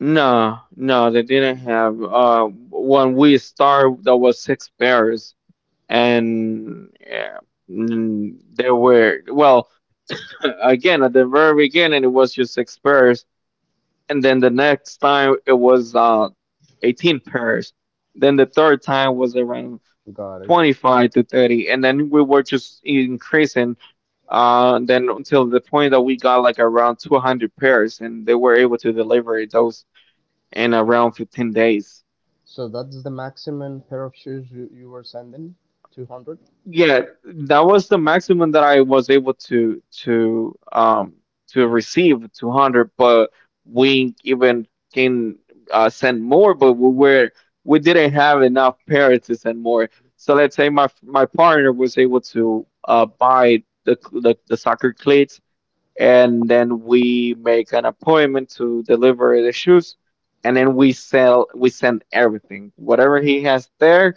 A: No, no, they didn't have. When we started, there was six pairs, and yeah. mm, there were well, Again, at the very beginning, it was just six pairs, and then the next time it was, 18 pairs, then the third time was around
B: Got it.
A: 25 to 30, and then we were just increasing, then, until the point that we got like around 200 pairs, and they were able to deliver those in around 15 days.
B: So that's the maximum pair of shoes you were sending? 200?
A: Yeah, that was the maximum that I was able to receive 200, but we even can, send more, but we didn't have enough pairs to send more. So let's say my partner was able to, buy the soccer cleats, and then we make an appointment to deliver the shoes, and then we send everything, whatever he has there.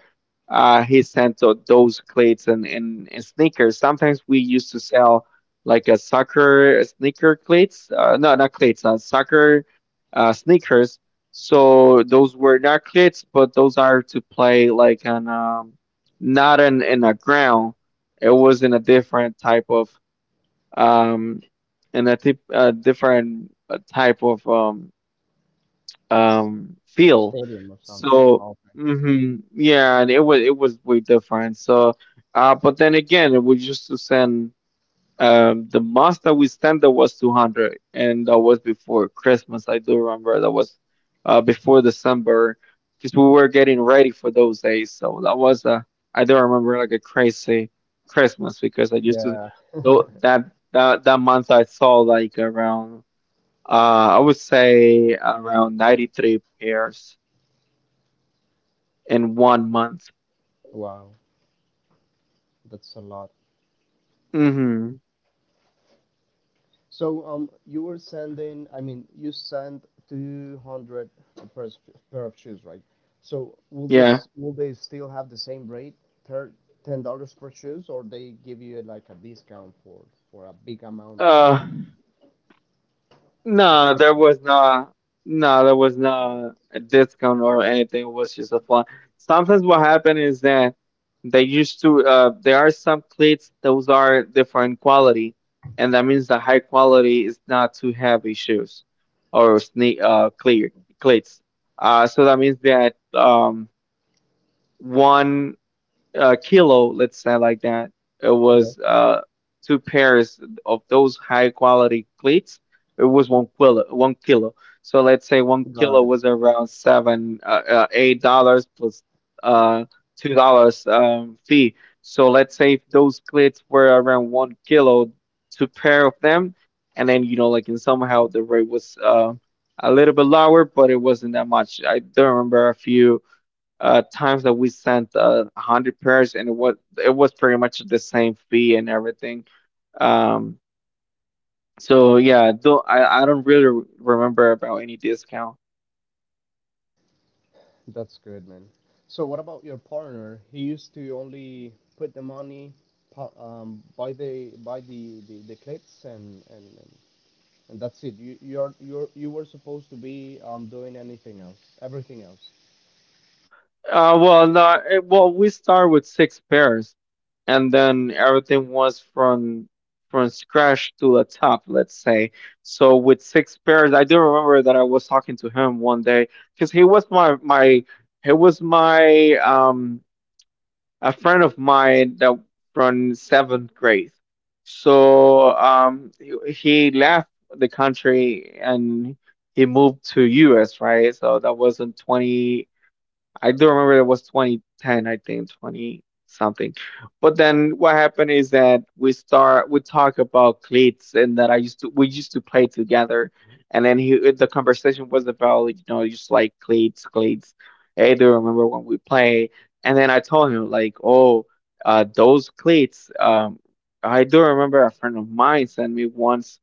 A: He sent those cleats, and sneakers. Sometimes we used to sell like a soccer sneaker cleats, no, not cleats, soccer, sneakers. So those were not cleats, but those are to play like an, not in a ground, it was in a different type of, um, and a, tip, a different, type of, feel.
B: Stadium or something.
A: So,
B: Oh,
A: yeah, and it was way different. So, but then again, it was used to send, the most that we spent there was 200, and that was before Christmas. I do remember that was, before December, because we were getting ready for those days. So that was a I do remember like a crazy Christmas because I used to
B: yeah.
A: tho-
B: <laughs>
A: that that month I saw like around I would say around 93 pairs in one month.
B: Wow, that's a lot.
A: Mm-hmm.
B: So, you were sending, I mean, you sent 200 pair pair of shoes, right? So, will
A: Yeah.
B: this will they still have the same rate, thir $10 per shoes, or they give you like a discount for a big amount
A: Uh,
B: of
A: No, there
B: shipping?
A: was not. No, there was not a discount or anything. It was just a fun. Sometimes what happened is that they used to. There are some cleats. Those are different quality, and that means the high quality is not too heavy shoes or sneak clear cleats. So that means that one a kilo, let's say like that, it
B: Yeah,
A: was two pairs of those high quality cleats. It was 1 kilo, 1 kilo. So let's say one
B: got
A: kilo
B: it.
A: was around $8 plus uh, $2 fee. So let's say if those cleats were around 1 kilo, two pair of them, and then, like, in somehow the rate was a little bit lower, but it wasn't that much. I don't remember if you, times that we sent 100 pairs, and it was pretty much the same fee and everything, um so yeah, though I don't really remember about any discount.
B: That's good, man. So, what about your partner? He used to only put the money, buy the the cleats and that's it. You you're you were supposed to be doing anything else, everything else.
A: Well, no, it, well we start with six pairs, and then everything was from scratch to the top, let's say. So with six pairs I do remember that I was talking to him one day because he was my a friend of mine that from seventh grade. So, he left the country and he moved to US, right? So that was in 20. I do remember it was 2010, I think 20 something. But then what happened is that we talk about cleats, and that I used to we used to play together, and then he the conversation was about, just like, cleats cleats. Hey, do you remember when we play? And then I told him, like, oh, those cleats. I do remember a friend of mine sent me once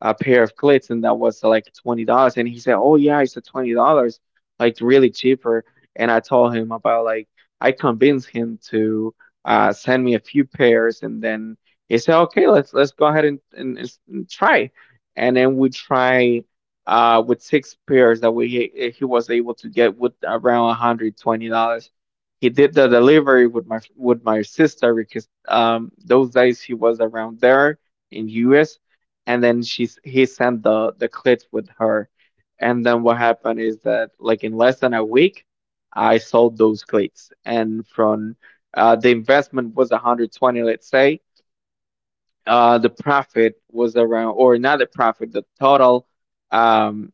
A: a pair of cleats, and that was, like, $20. And he said, oh yeah, it's a $20, like, really cheaper. And I told him about, like, I convinced him to, send me a few pairs. And then he said, okay, let's go ahead and try. And then we try, with six pairs that we he was able to get with around $120. He did the delivery with my sister, because, those days he was around there in US, and then she's he sent the clips with her. And then what happened is that, like, in less than a week I sold those clips. And from, the investment was 120, let's say. The profit was around, or not the profit, the total, um,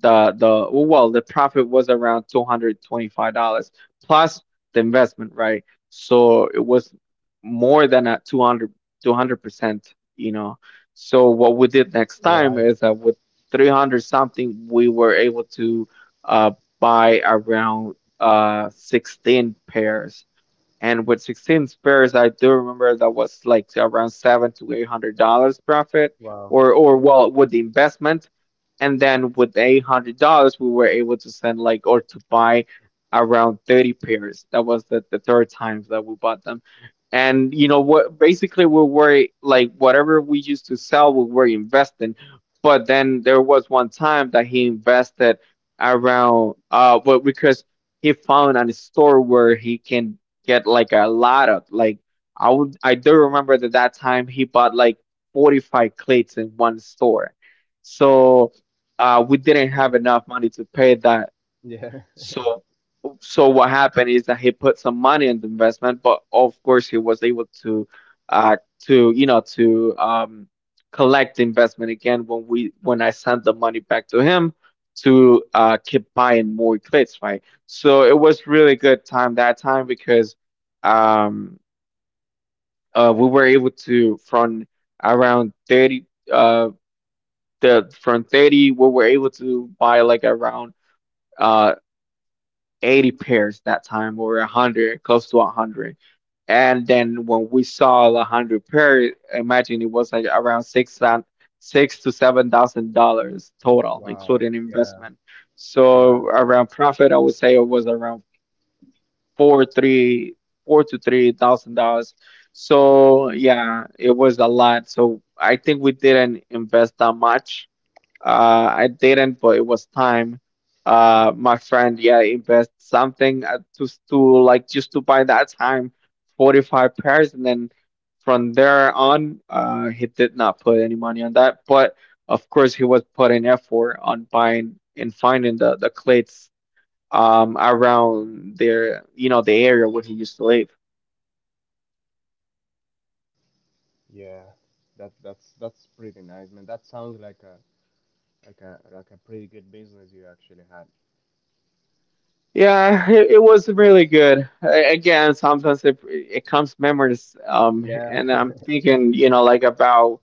A: the profit was around $225 plus the investment, right? So it was more than a 200 percent, you know so what we did next time
B: Right.
A: is that with 300 something we were able to, uh buy around, 16 pairs. And with 16 pairs I do remember that was like around seven to eight hundred dollars profit,
B: Wow.
A: or well, with the investment. And then with $800, we were able to send like, or to buy around 30 pairs. That was the third time that we bought them. And you know what, basically we were like, whatever we used to sell we were investing. But then there was one time that he invested around, well, because he found a store where he can get, like, a lot of, like, I do remember that that time he bought like 45 cleats in one store. So we didn't
B: Wow.
A: have enough money to pay that.
B: Yeah,
A: So so what happened is that he put some money in the investment, but of course he was able to you know to collect the investment again when we when I sent the money back to him to, keep buying more clicks, right? So it was really good time that time because, um we were able to, from around 30, uh the from 30 we were able to buy like around, uh 80 pairs that time, or 100, close to 100. And then when we saw the 100 pair, imagine it was like around six and six to seven thousand dollars
B: <laughs>
A: total,
B: Wow.
A: including
B: Yeah.
A: investment.
B: Yeah.
A: So around profit, I would say it was around four three four to three thousand dollars. So yeah, it was a lot. So I think we didn't invest that much, I didn't, but it was time. My friend, yeah, invest something, to like, just to buy that time, 45 pairs, and then from there on, he did not put any money on that. But of course, he was putting effort on buying and finding the cleats, around there, the area where he used to live.
B: Yeah. That's pretty nice, man. That sounds like a like a pretty good business you actually had.
A: Yeah, it was really good. Again, sometimes it comes memories,
B: Yeah.
A: and I'm
B: <laughs>
A: thinking, like, about,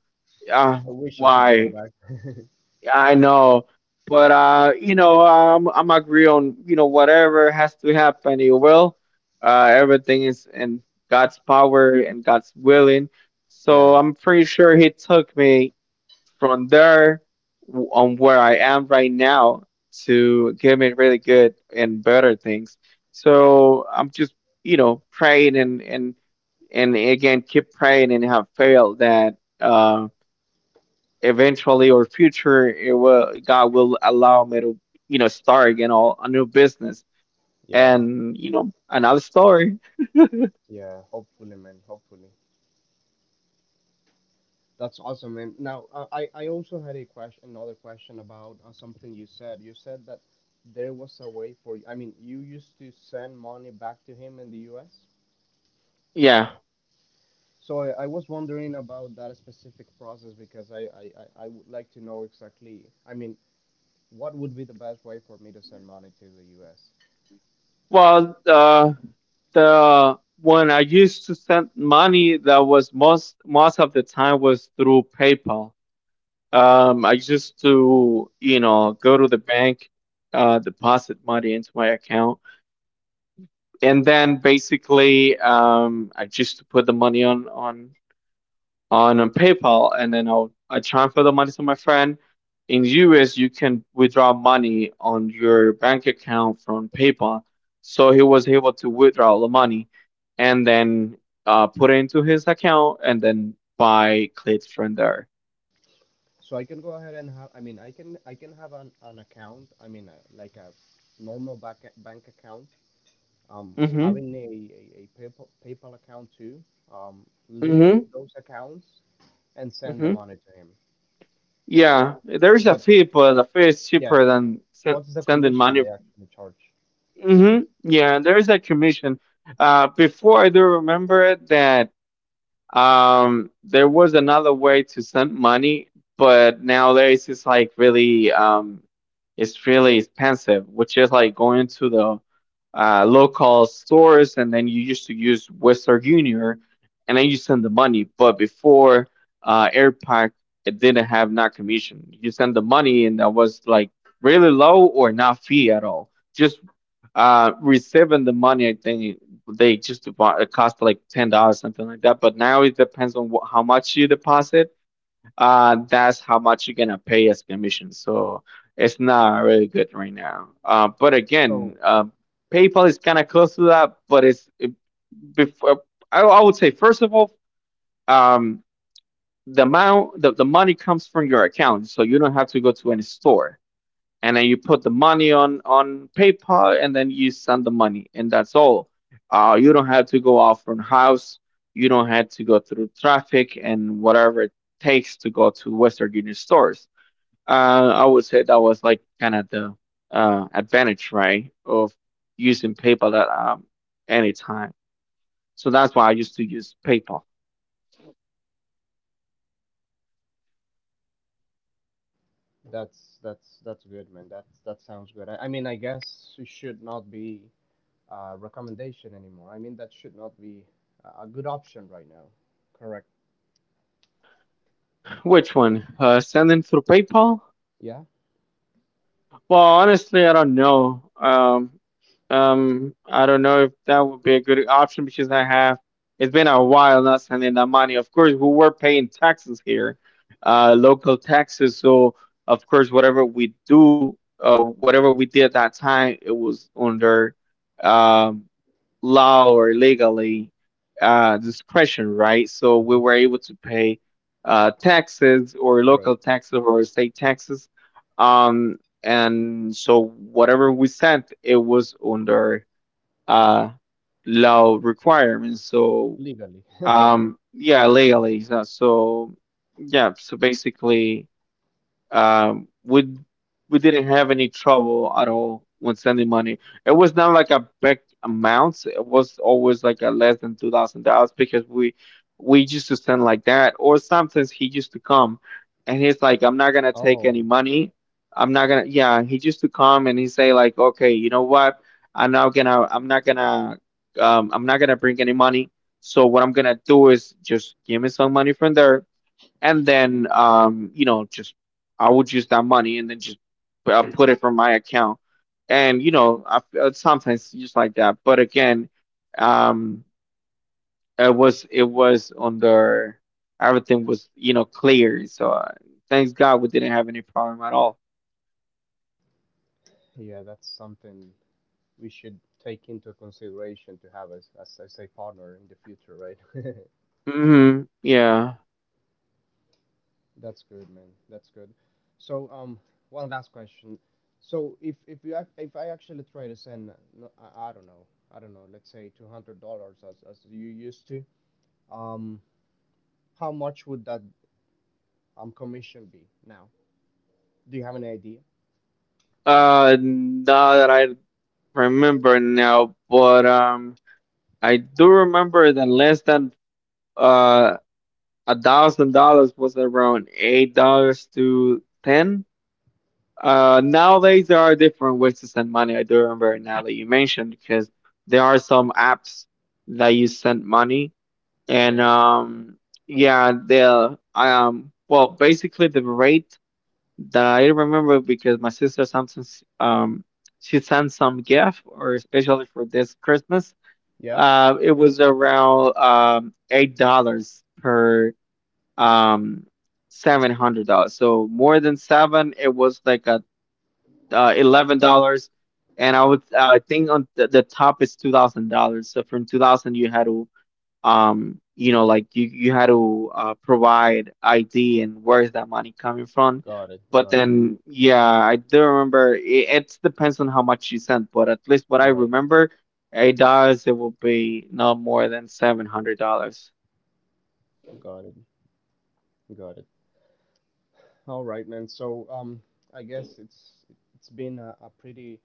A: uh,
B: I wish I could go
A: why
B: back. <laughs>
A: I know. But, I'm agree on, whatever has to happen, it will. Everything is in God's power and God's willing. So
B: Yeah.
A: I'm pretty sure He took me from there, on where I am right now, to give me really good and better things. So I'm just, praying, and again keep praying, and have faith that, eventually or future, it will, God will allow me to, start again all a new business,
B: Yeah,
A: and, another story.
B: yeah. Hopefully, man. Hopefully. That's awesome, man. Now, I I also had a question, another question about something you said. You said that there was a way for you. I mean, you used to send money back to him in the U.S.
A: Yeah.
B: So I was wondering about that specific process because I would like to know exactly. I mean, what would be the best way for me to send money to the U.S.
A: Well, the when I used to send money, that was most of the time was through PayPal. I used to, go to the bank, deposit money into my account, and then basically, I used to put the money on PayPal, and then I transfer the money to my friend. In US, you can withdraw money on your bank account from PayPal, so he was able to withdraw the money, and then, put it into his account, and then buy clothes from there.
B: So I can go ahead and have. I mean, I can have an account. I mean, like a normal bank account
A: Mhm.
B: having a PayPal, PayPal account too, link
A: Mhm.
B: those accounts and send the
A: Mhm.
B: money to him.
A: Yeah, there is a
B: But
A: fee, but the fee is
B: yeah,
A: cheaper than
B: what's the
A: sending
B: commission
A: money.
B: they actually charge?
A: Hmm. Yeah, there is a commission. Before, I do remember that, there was another way to send money, but nowadays it's like really, it's really expensive, which is like going to the, local stores, and then you used to use Western Union, and then you send the money. But before, AirPack, it didn't have not commission. You send the money and that was like really low or not fee at all. Just, receiving the money, I think they just it cost like $10, something like that. But now it depends on, how much you deposit, that's how much you're gonna pay as commission. So it's not really good right now, but again,
B: So
A: PayPal is kind of close to that, but before, I would say, first of all, um the amount, the money comes from your account, so you don't have to go to any store, and then you put the money on PayPal, and then you send the money, and that's all. You don't have to go out from house. You don't have to go through traffic and whatever it takes to go to Western Union stores. I would say that was like kind of the, advantage, right, of using PayPal at, any time. So that's why I used to use PayPal.
B: that's that's good, man. That's that sounds good. I mean, I guess it should not be a recommendation anymore. I mean, that should not be a good option right now. Correct.
A: Which one? Sending through PayPal.
B: Yeah.
A: Well, honestly, I don't know. I don't know if that would be a good option, because I have it's been a while not sending that money. Of course, we were paying taxes here, local taxes. So of course, whatever we did at that time, it was under, um, law, or legally, discretion, right? So we were able to pay, taxes, or
B: Right.
A: local taxes, or state taxes. Um, and so whatever we sent, it was under, uh, law requirements. So,
B: Legally. <laughs>
A: yeah, legally. So, yeah, so basically, um, we we didn't have any trouble at all when sending money. It was not like a big amount. It was always like a less than $2,000, because we used to send like that. Or sometimes he used to come, and he's like, "I'm not gonna take any
B: Oh,
A: money. I'm not gonna." Yeah, he used to come and he say like, "Okay, you know what? I'm not gonna. I'm not gonna. I'm not gonna bring any money. So what I'm gonna do is just give me some money from there." And then, just I would use that money, and then just, put it from my account, and, sometimes just like that. But again, um it was on the everything was, clear. So, thanks god we didn't have any problem at all.
B: yeah, that's something we should take into consideration to have as, I say partner in the future, right?
A: Hmm. Yeah.
B: <laughs> That's good, man. That's good. So, one last question. So, if you ac- if I actually try to send, no, I don't know, let's say $200 as you used to, um, how much would that commission be now? Do you have any idea?
A: Now that I remember now, but, I do remember that less than, uh $1,000 was around $8 to 10. Nowadays there are different ways to send money. I do remember now that you mentioned, because there are some apps that you send money, and,
B: Oh,
A: yeah, the well, basically the rate that I remember, because my sister sometimes, she sent some gift, or especially for this Christmas.
B: yeah.
A: It was around, $8 per, um $700, so more than seven it was like a, $11. And I think on the top is $2,000. So from 2,000 you had to, you had to, provide ID, and where's that money coming from.
B: Got it.
A: But
B: Got it.
A: then, yeah, I do remember it depends on how much you sent, but at least what I
B: Right.
A: remember, $8 it will be not more than $700.
B: Got it. Got it. All right, man. So, I guess it's been a pretty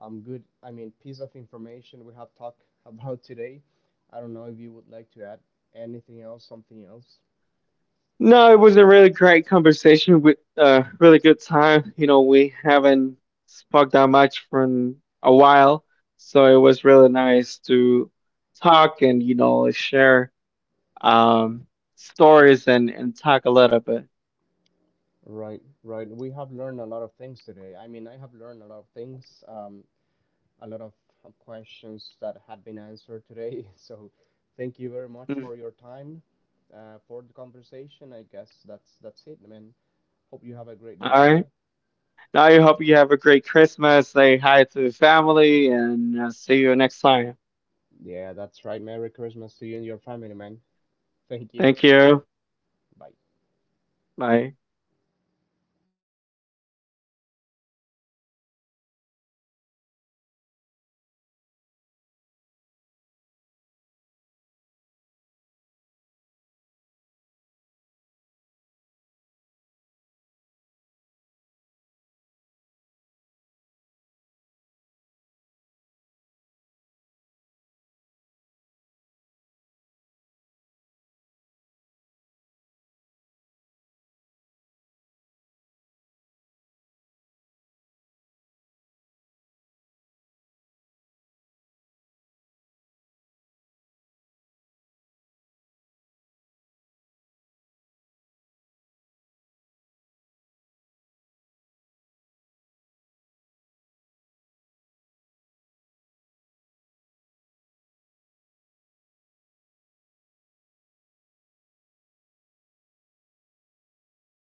B: good, I mean, piece of information we have talked about today. I don't know if you would like to add anything else, something else.
A: No, it was a really great conversation with a really good time. You know, we haven't spoke that much for a while, so it was really nice to talk, and, share, um stories, and talk a little bit.
B: Right, right. We have learned a lot of things today. I mean, I have learned a lot of things, a lot of questions that had been answered today. <laughs> So, thank you very much
A: Mm.
B: for your time, for the conversation. I guess that's it, man. Hope you have a great
A: All
B: day, okay?
A: right. Now I hope you have a great Christmas. Say hi to the family, and, see you next time.
B: Yeah, that's right. Merry Christmas to you and your family, man. Thank you.
A: Thank you.
B: Bye.
A: Bye.